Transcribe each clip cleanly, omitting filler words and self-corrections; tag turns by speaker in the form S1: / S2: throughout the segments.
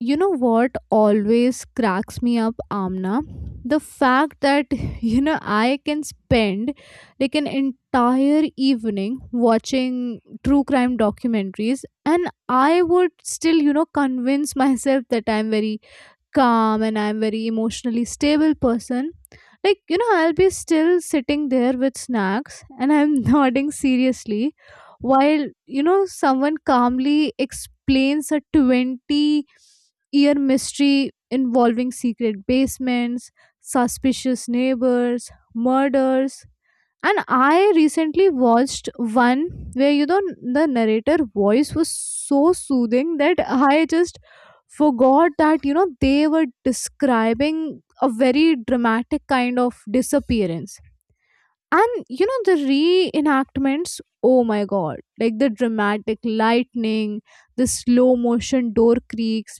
S1: You know what always cracks me up, Amna? The fact that, I can spend like an entire evening watching true crime documentaries, and I would still, convince myself that I'm very calm and I'm very emotionally stable person. Like, I'll be still sitting there with snacks, and I'm nodding seriously while someone calmly explains a 20-year mystery involving secret basements, suspicious neighbors, murders. And I recently watched one where the narrator voice was so soothing that I just forgot that they were describing a very dramatic kind of disappearance. And the reenactments, oh my god, like the dramatic lightning, the slow motion door creaks,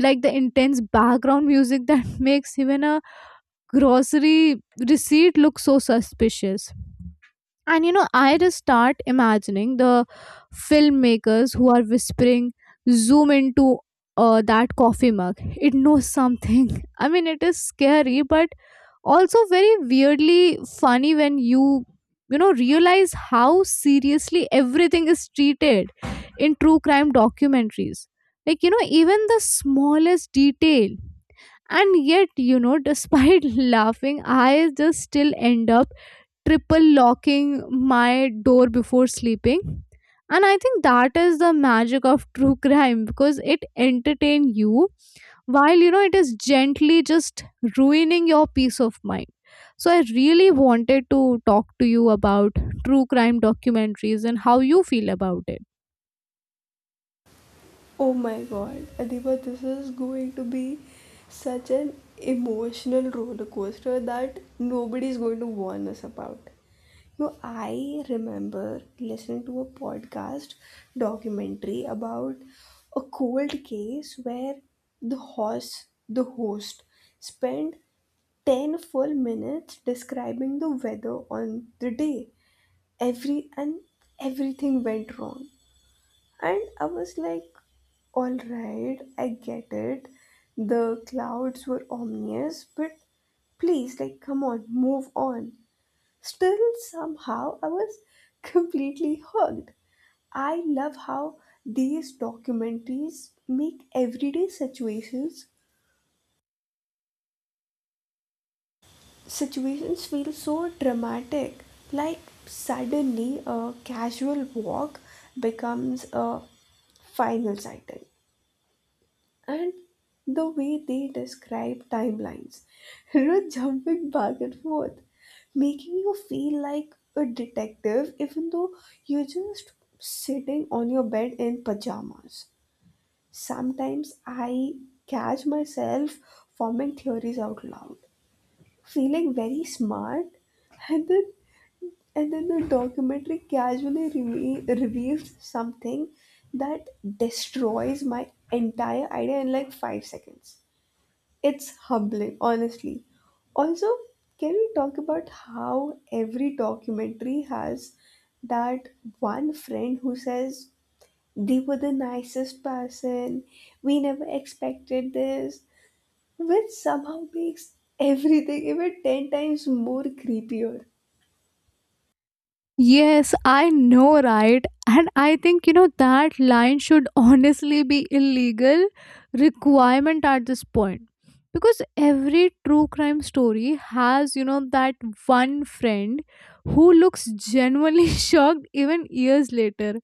S1: like the intense background music that makes even a grocery receipt look so suspicious. I just start imagining the filmmakers who are whispering, zoom into that coffee mug. It knows something. I mean, it is scary, but also very weirdly funny when you realize how seriously everything is treated in true crime documentaries. Even the smallest detail. And yet despite laughing, I just still end up triple locking my door before sleeping. And I think that is the magic of true crime, because it entertains you while it is gently just ruining your peace of mind. So I really wanted to talk to you about true crime documentaries and how you feel about it.
S2: Oh my god, Adiba, this is going to be such an emotional roller coaster that nobody is going to warn us about. No, I remember listening to a podcast documentary about a cold case where the host spent 10 full minutes describing the weather on the day. Every and everything went wrong. And I was like, all right, I get it. The clouds were ominous, but please, like, come on, move on. Still, somehow, I was completely hooked. I love how these documentaries make everyday situations feel so dramatic. Like suddenly a casual walk becomes a final sighting. And the way they describe timelines, jumping back and forth, making you feel like a detective even though you're just sitting on your bed in pajamas. Sometimes I catch myself forming theories out loud, feeling very smart, and then the documentary casually reveals something that destroys my entire idea in like 5 seconds. It's humbling, honestly. Also, can we talk about how every documentary has that one friend who says, "They were the nicest person, we never expected this," which somehow makes everything even 10 times more creepier.
S1: Yes, I know, right? And I think, that line should honestly be illegal requirement at this point. Because every true crime story has, that one friend who looks genuinely shocked even years later.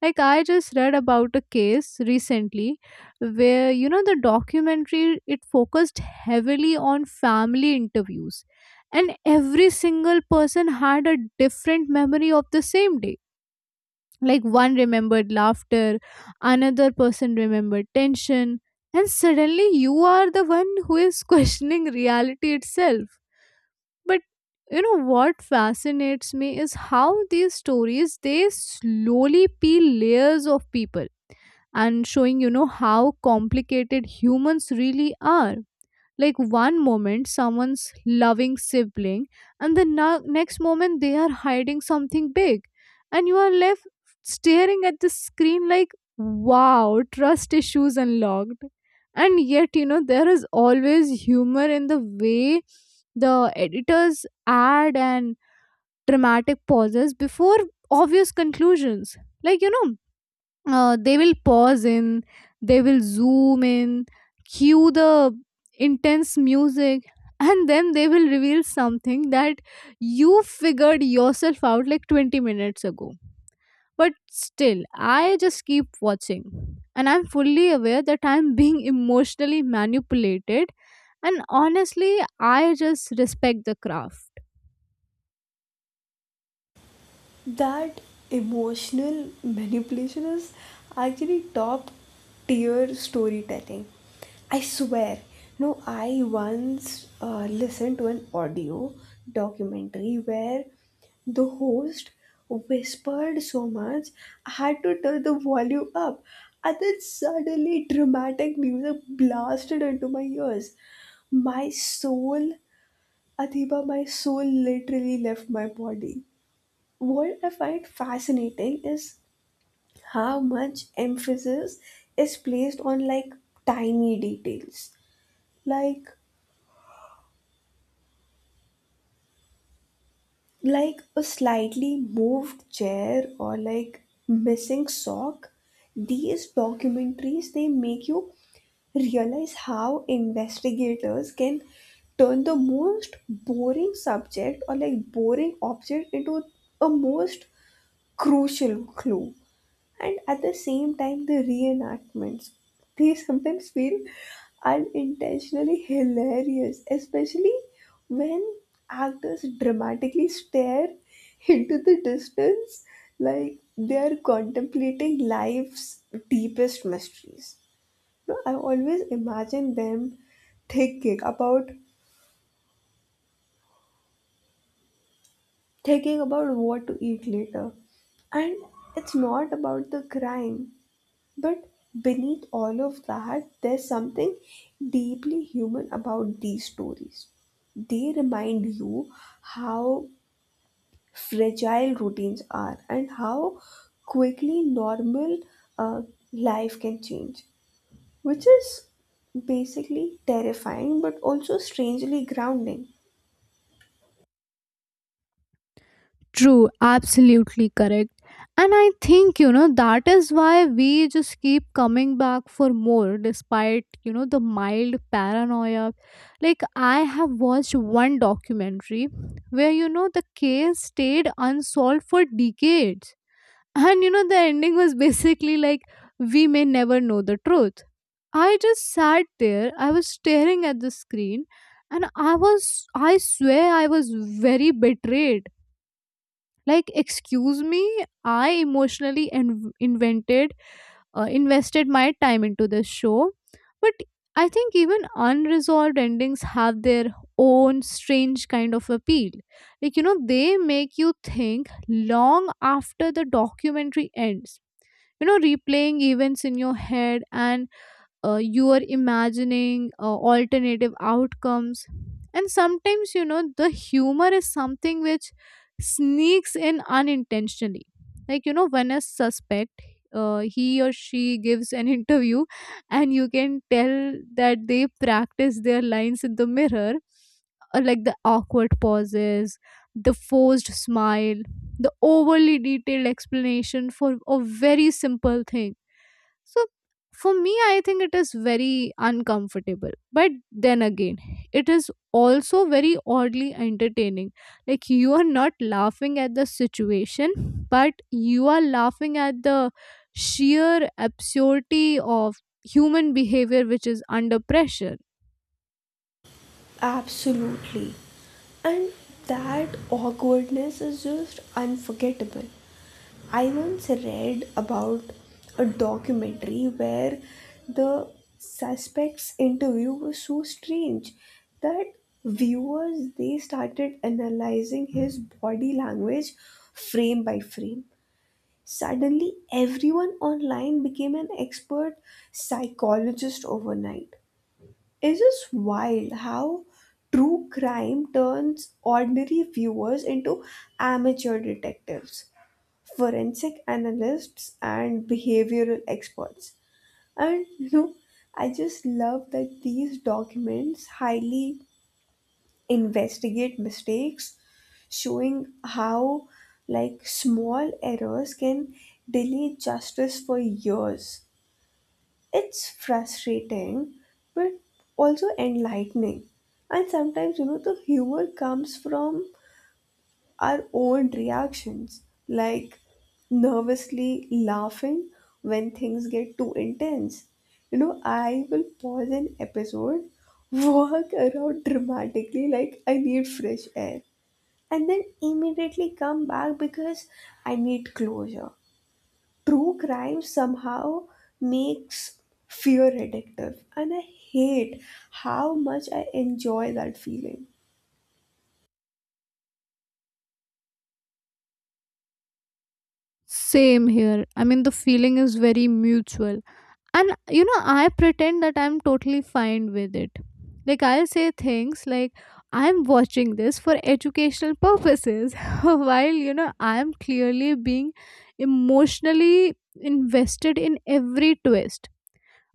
S1: Like, I just read about a case recently where the documentary it focused heavily on family interviews, and every single person had a different memory of the same day. Like, one remembered laughter, another person remembered tension, and suddenly you are the one who is questioning reality itself. But what fascinates me is how these stories they slowly peel layers of people, and showing how complicated humans really are. Like, one moment someone's loving sibling, and the next moment they are hiding something big, and you are left staring at the screen like, wow, trust issues unlocked. And yet there is always humor in the way the editors add and dramatic pauses before obvious conclusions. Like, they will they will zoom in, cue the intense music, and then they will reveal something that you figured yourself out like 20 minutes ago. But still, I just keep watching, and I'm fully aware that I'm being emotionally manipulated. And honestly, I just respect the craft.
S2: That emotional manipulation is actually top tier storytelling, I swear. No, I once listened to an audio documentary where the host whispered so much I had to turn the volume up, and then suddenly dramatic music blasted into my ears. My soul, Adiba, my soul literally left my body. What I find fascinating is how much emphasis is placed on like tiny details, like like a slightly moved chair or like missing sock. These documentaries, they make you realize how investigators can turn the most boring subject or like boring object into a most crucial clue. And at the same time, the reenactments, they sometimes feel unintentionally hilarious, especially when actors dramatically stare into the distance like they are contemplating life's deepest mysteries. No, I always imagine them thinking about thinking about what to eat later, and it's not about the crime. But beneath all of that, there's something deeply human about these stories. They remind you how fragile routines are and how quickly normal uh, life can change, which is basically terrifying but also strangely grounding.
S1: True, absolutely correct. And I think, that is why we just keep coming back for more despite, the mild paranoia. Like, I have watched one documentary where, the case stayed unsolved for decades. And, the ending was basically like, we may never know the truth. I just sat there, I was staring at the screen, and I was, I swear, I was very betrayed. Like, excuse me, I emotionally inv- invented invested my time into this show. But I think even unresolved endings have their own strange kind of appeal. Like, they make you think long after the documentary ends, replaying events in your head, and you are imagining alternative outcomes. And sometimes the humor is something which sneaks in unintentionally, like when a suspect he or she gives an interview, and you can tell that they practice their lines in the mirror. Like, the awkward pauses, the forced smile, the overly detailed explanation for a very simple thing. So for me, I think it is very uncomfortable. But then again, it is also very oddly entertaining. Like, you are not laughing at the situation, but you are laughing at the sheer absurdity of human behavior which is under pressure.
S2: Absolutely. And that awkwardness is just unforgettable. I once read about a documentary where the suspect's interview was so strange that viewers, they started analyzing his body language frame by frame. Suddenly everyone online became an expert psychologist overnight. It's just wild how true crime turns ordinary viewers into amateur detectives, forensic analysts, and behavioral experts. And I just love that these documents highly investigate mistakes, showing how like small errors can delay justice for years. It's frustrating but also enlightening. And sometimes the humor comes from our own reactions, like nervously laughing when things get too intense. You know, I will pause an episode, walk around dramatically like I need fresh air, and then immediately come back because I need closure. True crime somehow makes fear addictive, and I hate how much I enjoy that feeling.
S1: Same here. I mean, the feeling is very mutual. And I pretend that I'm totally fine with it. Like, I'll say things like, I'm watching this for educational purposes, while I'm clearly being emotionally invested in every twist.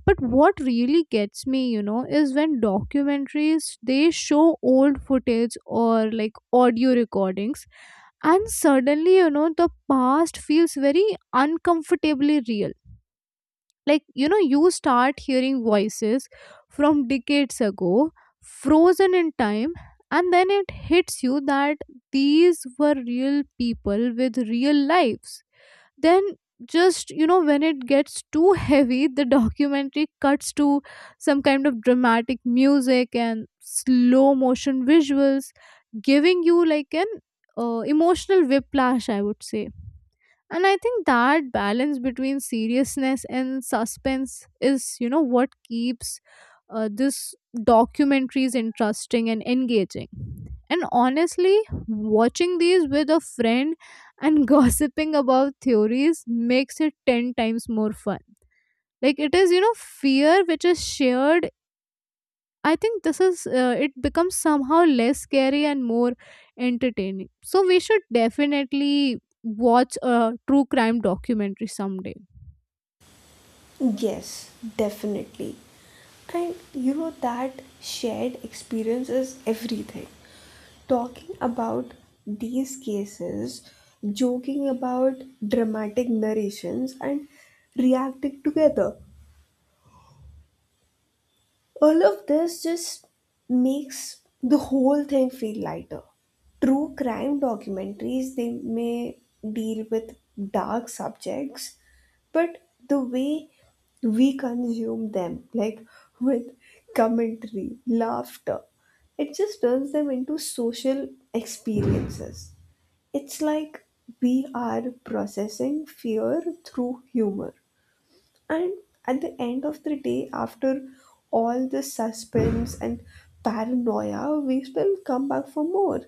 S1: But what really gets me, is when documentaries they show old footage or like audio recordings, and suddenly the past feels very uncomfortably real. Like, you start hearing voices from decades ago, frozen in time, and then it hits you that these were real people with real lives. Then just when it gets too heavy, the documentary cuts to some kind of dramatic music and slow motion visuals, giving you like an emotional whiplash, I would say. And I think that balance between seriousness and suspense is, what keeps this documentaries interesting and engaging. And honestly, watching these with a friend and gossiping about theories makes it 10 times more fun. Like, it is, fear which is shared. I think this is it becomes somehow less scary and more entertaining. So we should definitely watch a true crime documentary someday.
S2: Yes, definitely. And you know that shared experience is everything. Talking about these cases, joking about dramatic narrations, and reacting together, all of this just makes the whole thing feel lighter. True crime documentaries, they may deal with dark subjects, but the way we consume them, like with commentary, laughter, it just turns them into social experiences. It's like we are processing fear through humor. And at the end of the day, after all this suspense and paranoia, we will come back for more,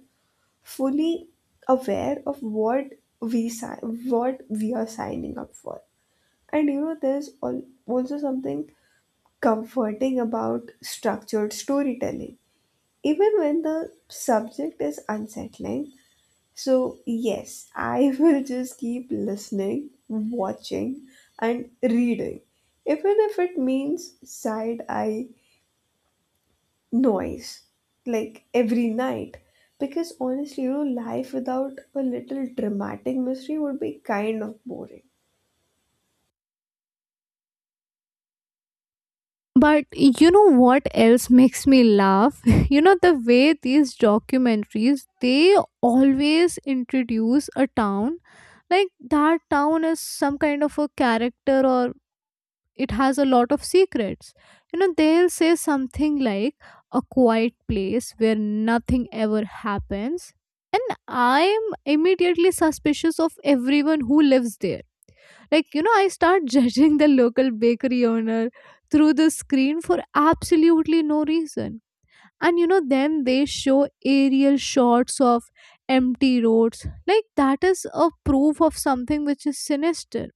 S2: fully aware of what we si- what we are signing up for. And you know, there's also something comforting about structured storytelling. Even when the subject is unsettling, so, yes, I will just keep listening, watching, and reading, even if it means side eye noise, like every night. Because honestly, you know, life without a little dramatic mystery would be kind of boring.
S1: But you know what else makes me laugh? The way these documentaries they always introduce a town like that town is some kind of a character or it has a lot of secrets. They'll say something like, a quiet place where nothing ever happens. And I'm immediately suspicious of everyone who lives there. Like, I start judging the local bakery owner through the screen for absolutely no reason. And then they show aerial shots of empty roads, like that is a proof of something which is sinister.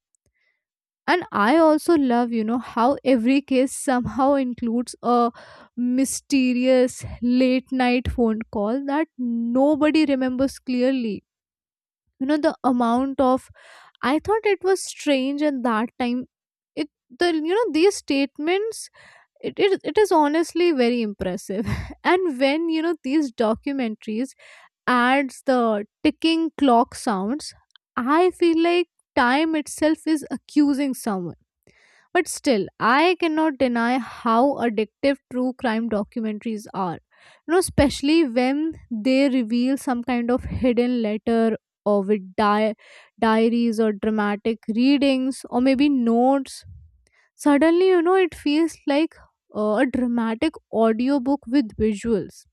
S1: And I also love how every case somehow includes a mysterious late night phone call that nobody remembers clearly. The amount of, I thought it was strange at that time, it the you know these statements, it is honestly very impressive. And when these documentaries adds the ticking clock sounds, I feel like time itself is accusing someone. But still, I cannot deny how addictive true crime documentaries are. You know, especially when they reveal some kind of hidden letter, or with diaries, or dramatic readings, or maybe notes. Suddenly, it feels like a dramatic audiobook with visuals.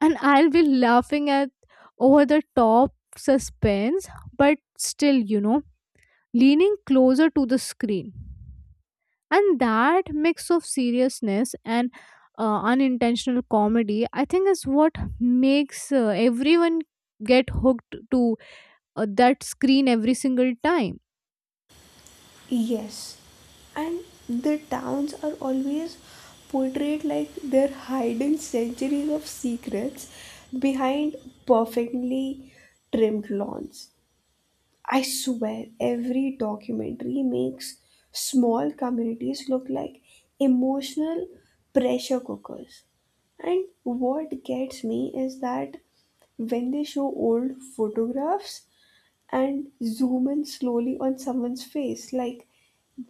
S1: And I'll be laughing at over the top suspense, but still, leaning closer to the screen. And that mix of seriousness and unintentional comedy, I think, is what makes everyone get hooked to that screen every single time.
S2: Yes, and the towns are always portrayed like they're hiding centuries of secrets behind perfectly trimmed lawns. I swear, every documentary makes small communities look like emotional pressure cookers. And what gets me is that when they show old photographs and zoom in slowly on someone's face, like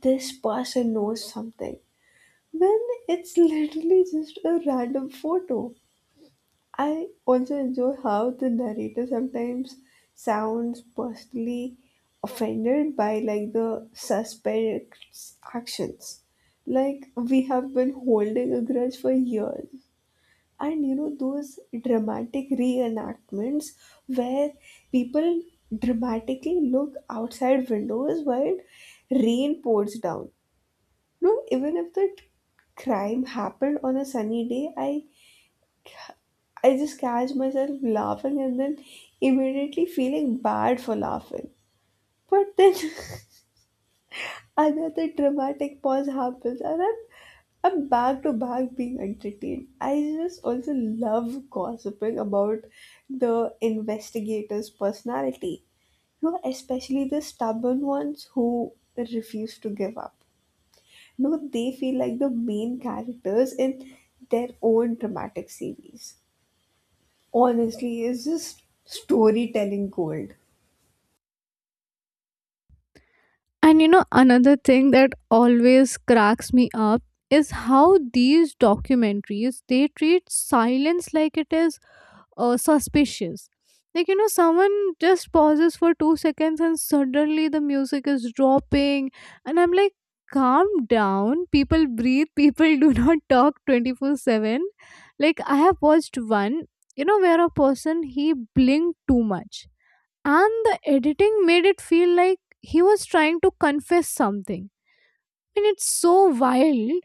S2: this person knows something, when it's literally just a random photo. I also enjoy how the narrator sometimes sounds personally offended by like the suspect's actions. Like we have been holding a grudge for years. And you know those dramatic reenactments where people dramatically look outside windows while rain pours down. No, even if the crime happened on a sunny day, I just catch myself laughing and then immediately feeling bad for laughing. But then another dramatic pause happens and I'm back to back being entertained. I just also love gossiping about the investigator's personality. You know, especially the stubborn ones who refuse to give up. No, they feel like the main characters in their own dramatic series. Honestly, it's just storytelling gold.
S1: And you know, another thing that always cracks me up is how these documentaries they treat silence like it is suspicious. Like, someone just pauses for 2 seconds, and suddenly the music is dropping. And I'm like, calm down. People breathe. People do not talk 24/7. Like, I have watched one, where a person he blinked too much. And the editing made it feel like he was trying to confess something. I mean, it's so wild.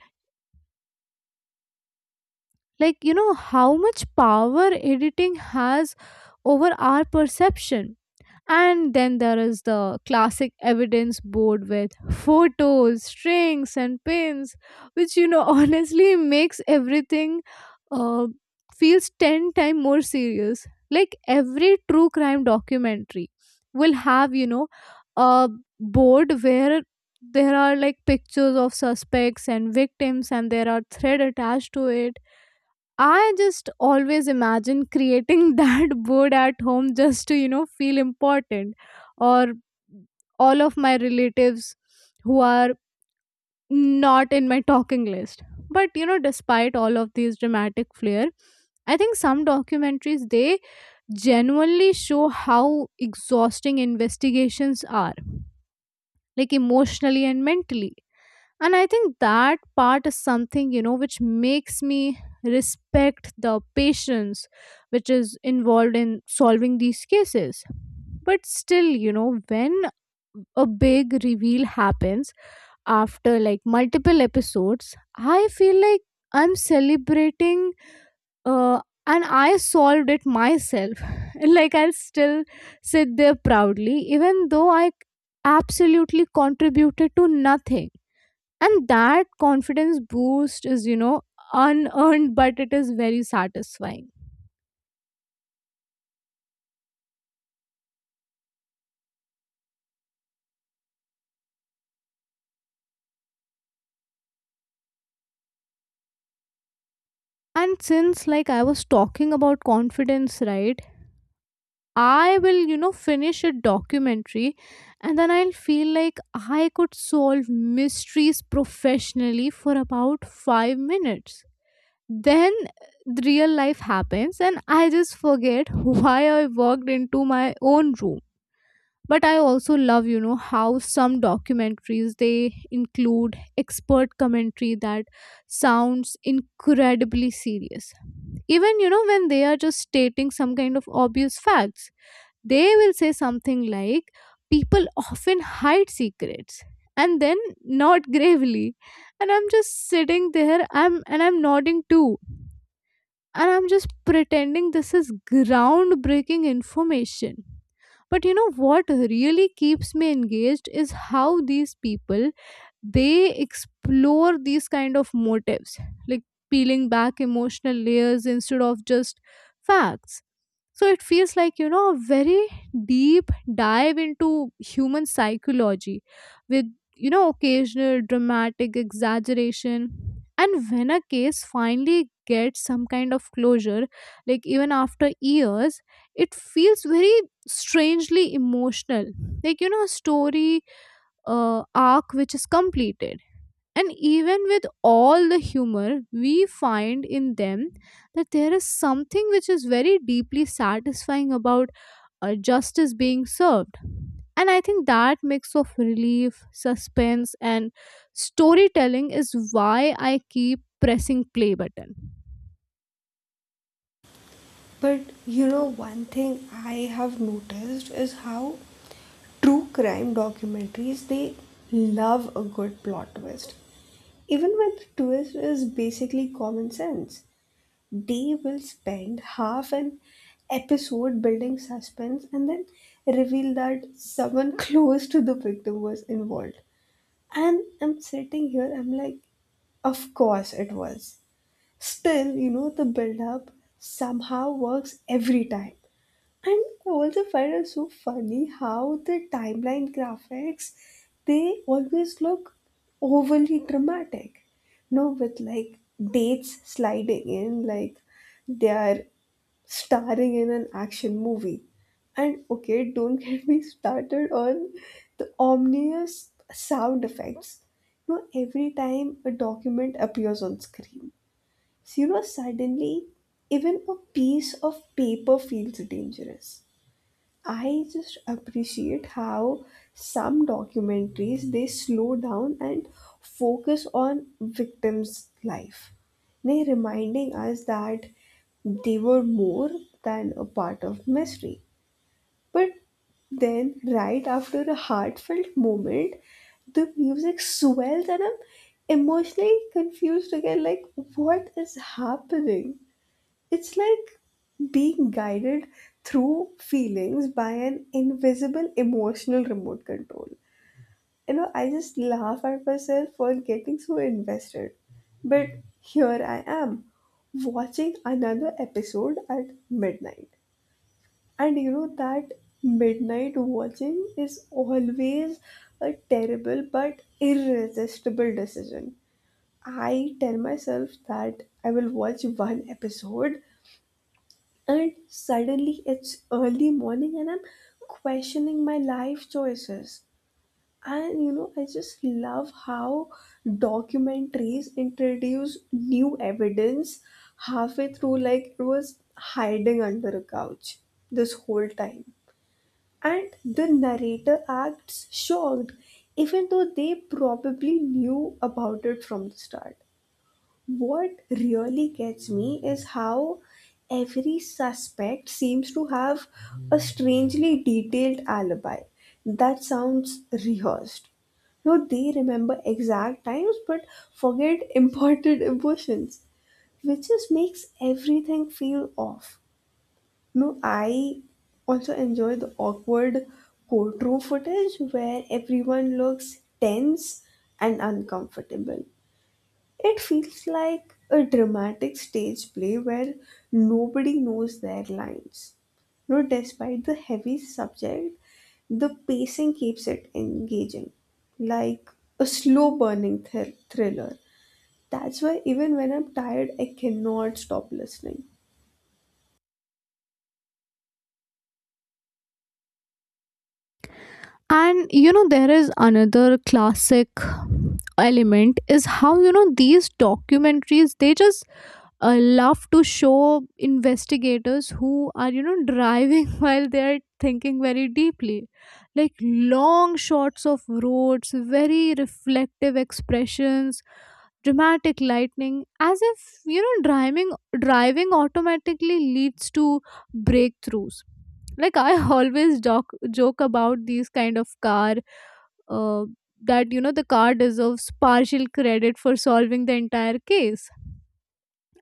S1: Like, how much power editing has over our perception. And then there is the classic evidence board with photos, strings, and pins, which honestly makes everything uh, feels 10 times more serious. Like, every true crime documentary will have, a board where there are like pictures of suspects and victims, and there are thread attached to it. I just always imagine creating that board at home just to, feel important. Or all of my relatives who are not in my talking list. But, you know, despite all of these dramatic flair, I think some documentaries they genuinely show how exhausting investigations are, like emotionally and mentally. And I think that part is something, you know, which makes me respect the patience which is involved in solving these cases. But still, you know, when a big reveal happens after like multiple episodes, I feel like I'm celebrating uh, and I solved it myself like I'll still sit there proudly even though I absolutely contributed to nothing. And that confidence boost is, you know, unearned, but it is very satisfying. And since like I was talking about confidence, right, I will, you know, finish a documentary and then I'll feel like I could solve mysteries professionally for about 5 minutes. Then the real life happens and I just forget why I walked into my own room. But I also love, you know, how some documentaries they include expert commentary that sounds incredibly serious, even, you know, when they are just stating some kind of obvious facts. They will say something like, people often hide secrets, and then nod gravely. And I'm just sitting there, I'm and I'm nodding too, and I'm just pretending this is groundbreaking information. But you know what really keeps me engaged is how these people they explore these kind of motives, like peeling back emotional layers instead of just facts. So it feels like, you know, a very deep dive into human psychology with, you know, occasional dramatic exaggeration. And when a case finally gets some kind of closure, like even after years, it feels very strangely emotional. Like, you know, a story arc which is completed. And even with all the humor we find in them, that there is something which is very deeply satisfying about justice being served. And I think that mix of relief, suspense, and storytelling is why I keep pressing play button.
S2: But you know, one thing I have noticed is how true crime documentaries, they love a good plot twist. Even when the twist is basically common sense, they will spend half an episode building suspense and then reveal that someone close to the victim was involved. And I'm sitting here, I'm like, of course it was. Still, you know, the build up somehow works every time. And I also find it so funny how the timeline graphics, they always look overly dramatic. No, with like dates sliding in like they are starring in an action movie. And okay, don't get me started on the ominous sound effects. You know, every time a document appears on screen, you know, suddenly, even a piece of paper feels dangerous. I just appreciate how some documentaries, they slow down and focus on victims' life. They reminding us that they were more than a part of mystery. But then, right after a heartfelt moment, the music swells and I'm emotionally confused again. Like, what is happening? It's like being guided through feelings by an invisible emotional remote control. You know, I just laugh at myself for getting so invested. But here I am, watching another episode at midnight. And you know, that midnight watching is always a terrible but irresistible decision. I tell myself that I will watch one episode and suddenly it's early morning and I'm questioning my life choices. And you know, I just love how documentaries introduce new evidence halfway through like it was hiding under a couch this whole time. And the narrator acts shocked even though they probably knew about it from the start. What really gets me is how every suspect seems to have a strangely detailed alibi that sounds rehearsed. No, they remember exact times but forget important emotions, which just makes everything feel off. No, I also enjoy the awkward courtroom footage where everyone looks tense and uncomfortable. It feels like a dramatic stage play where nobody knows their lines. No, despite the heavy subject, the pacing keeps it engaging, like a slow burning thriller. That's why even when I'm tired, I cannot stop listening.
S1: And you know, there is another classic element is how, you know, these documentaries they just love to show investigators who are, you know, driving while they are thinking very deeply, like long shots of roads, very reflective expressions, dramatic lightning, as if, you know, driving driving automatically leads to breakthroughs. Like I always joke about these kind of car, uh, that, you know, the car deserves partial credit for solving the entire case.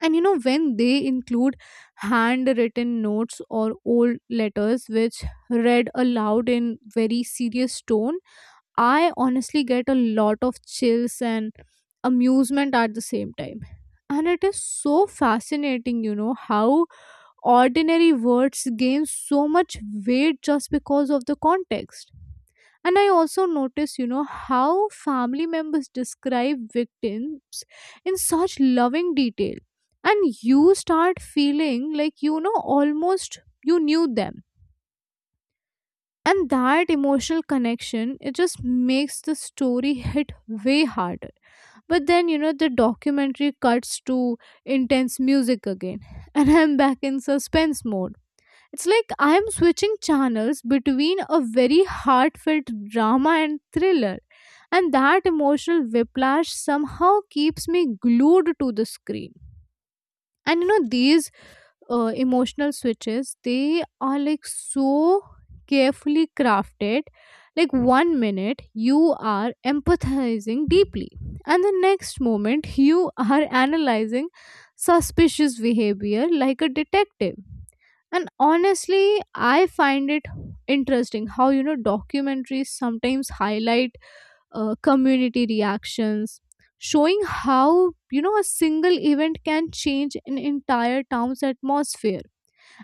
S1: And you know, when they include handwritten notes or old letters which read aloud in very serious tone, I honestly get a lot of chills and amusement at the same time. And it is so fascinating, you know, how ordinary words gain so much weight just because of the context. And I also notice, you know, how family members describe victims in such loving detail. And you start feeling like, you know, almost you knew them. And that emotional connection, it just makes the story hit way harder. But then, you know, the documentary cuts to intense music again. And I'm back in suspense mode. It's like I am switching channels between a very heartfelt drama and thriller, and that emotional whiplash somehow keeps me glued to the screen. And you know these emotional switches, they are like so carefully crafted. Like one minute you are empathizing deeply and the next moment you are analyzing suspicious behavior like a detective. And honestly I find it interesting how, you know, documentaries sometimes highlight community reactions, showing how, you know, a single event can change an entire town's atmosphere.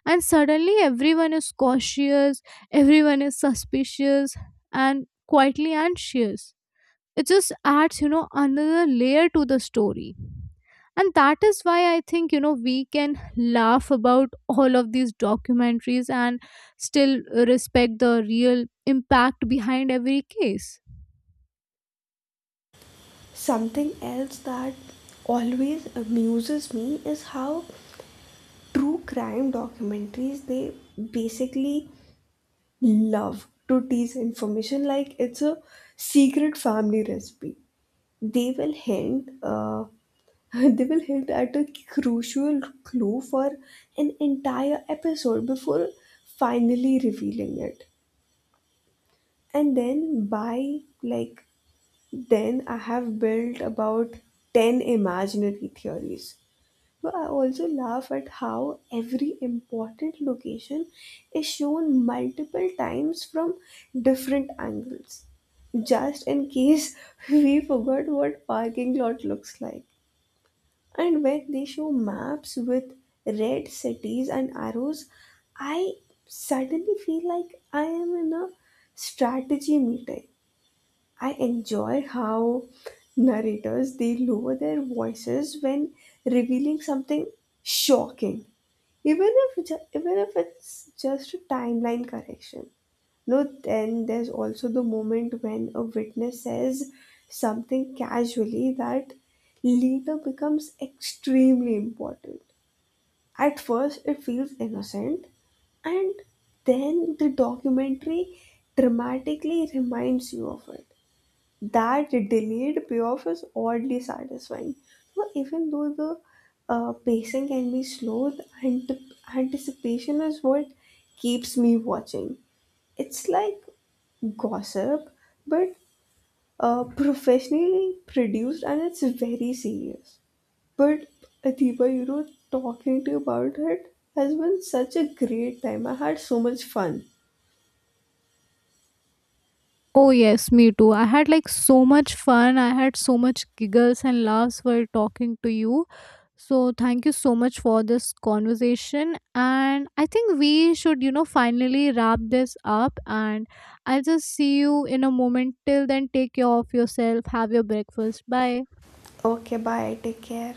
S1: And suddenly everyone is cautious, everyone is suspicious, and quietly anxious. It just adds, you know, another layer to the story. And that is why I think, you know, we can laugh about all of these documentaries and still respect the real impact behind every case.
S2: Something else that always amuses me is how true crime documentaries, they basically love to tease information like it's a secret family recipe. They will hint, uh, they will hint at a crucial clue for an entire episode before finally revealing it. And then by like then I have built about 10 imaginary theories. But I also laugh at how every important location is shown multiple times from different angles, just in case we forgot what parking lot looks like. And when they show maps with red cities and arrows, I suddenly feel like I am in a strategy meeting. I enjoy how narrators, they lower their voices when revealing something shocking, even if even if it's just a timeline correction. No, then there's also the moment when a witness says something casually that later becomes extremely important. At first, it feels innocent, and then the documentary dramatically reminds you of it. That delayed payoff is oddly satisfying. So even though the pacing can be slow, the anticipation is what keeps me watching. It's like gossip, but professionally produced and it's very serious. But Adiba, you know, talking to you about it has been such a great time. I had so much fun.
S1: Oh, yes, me too. I had like so much fun. I had so much giggles and laughs while talking to you. So, thank you so much for this conversation. And I think we should, you know, finally wrap this up. And I'll just see you in a moment. Till then, take care of yourself. Have your breakfast. Bye.
S2: Okay, bye. Take care.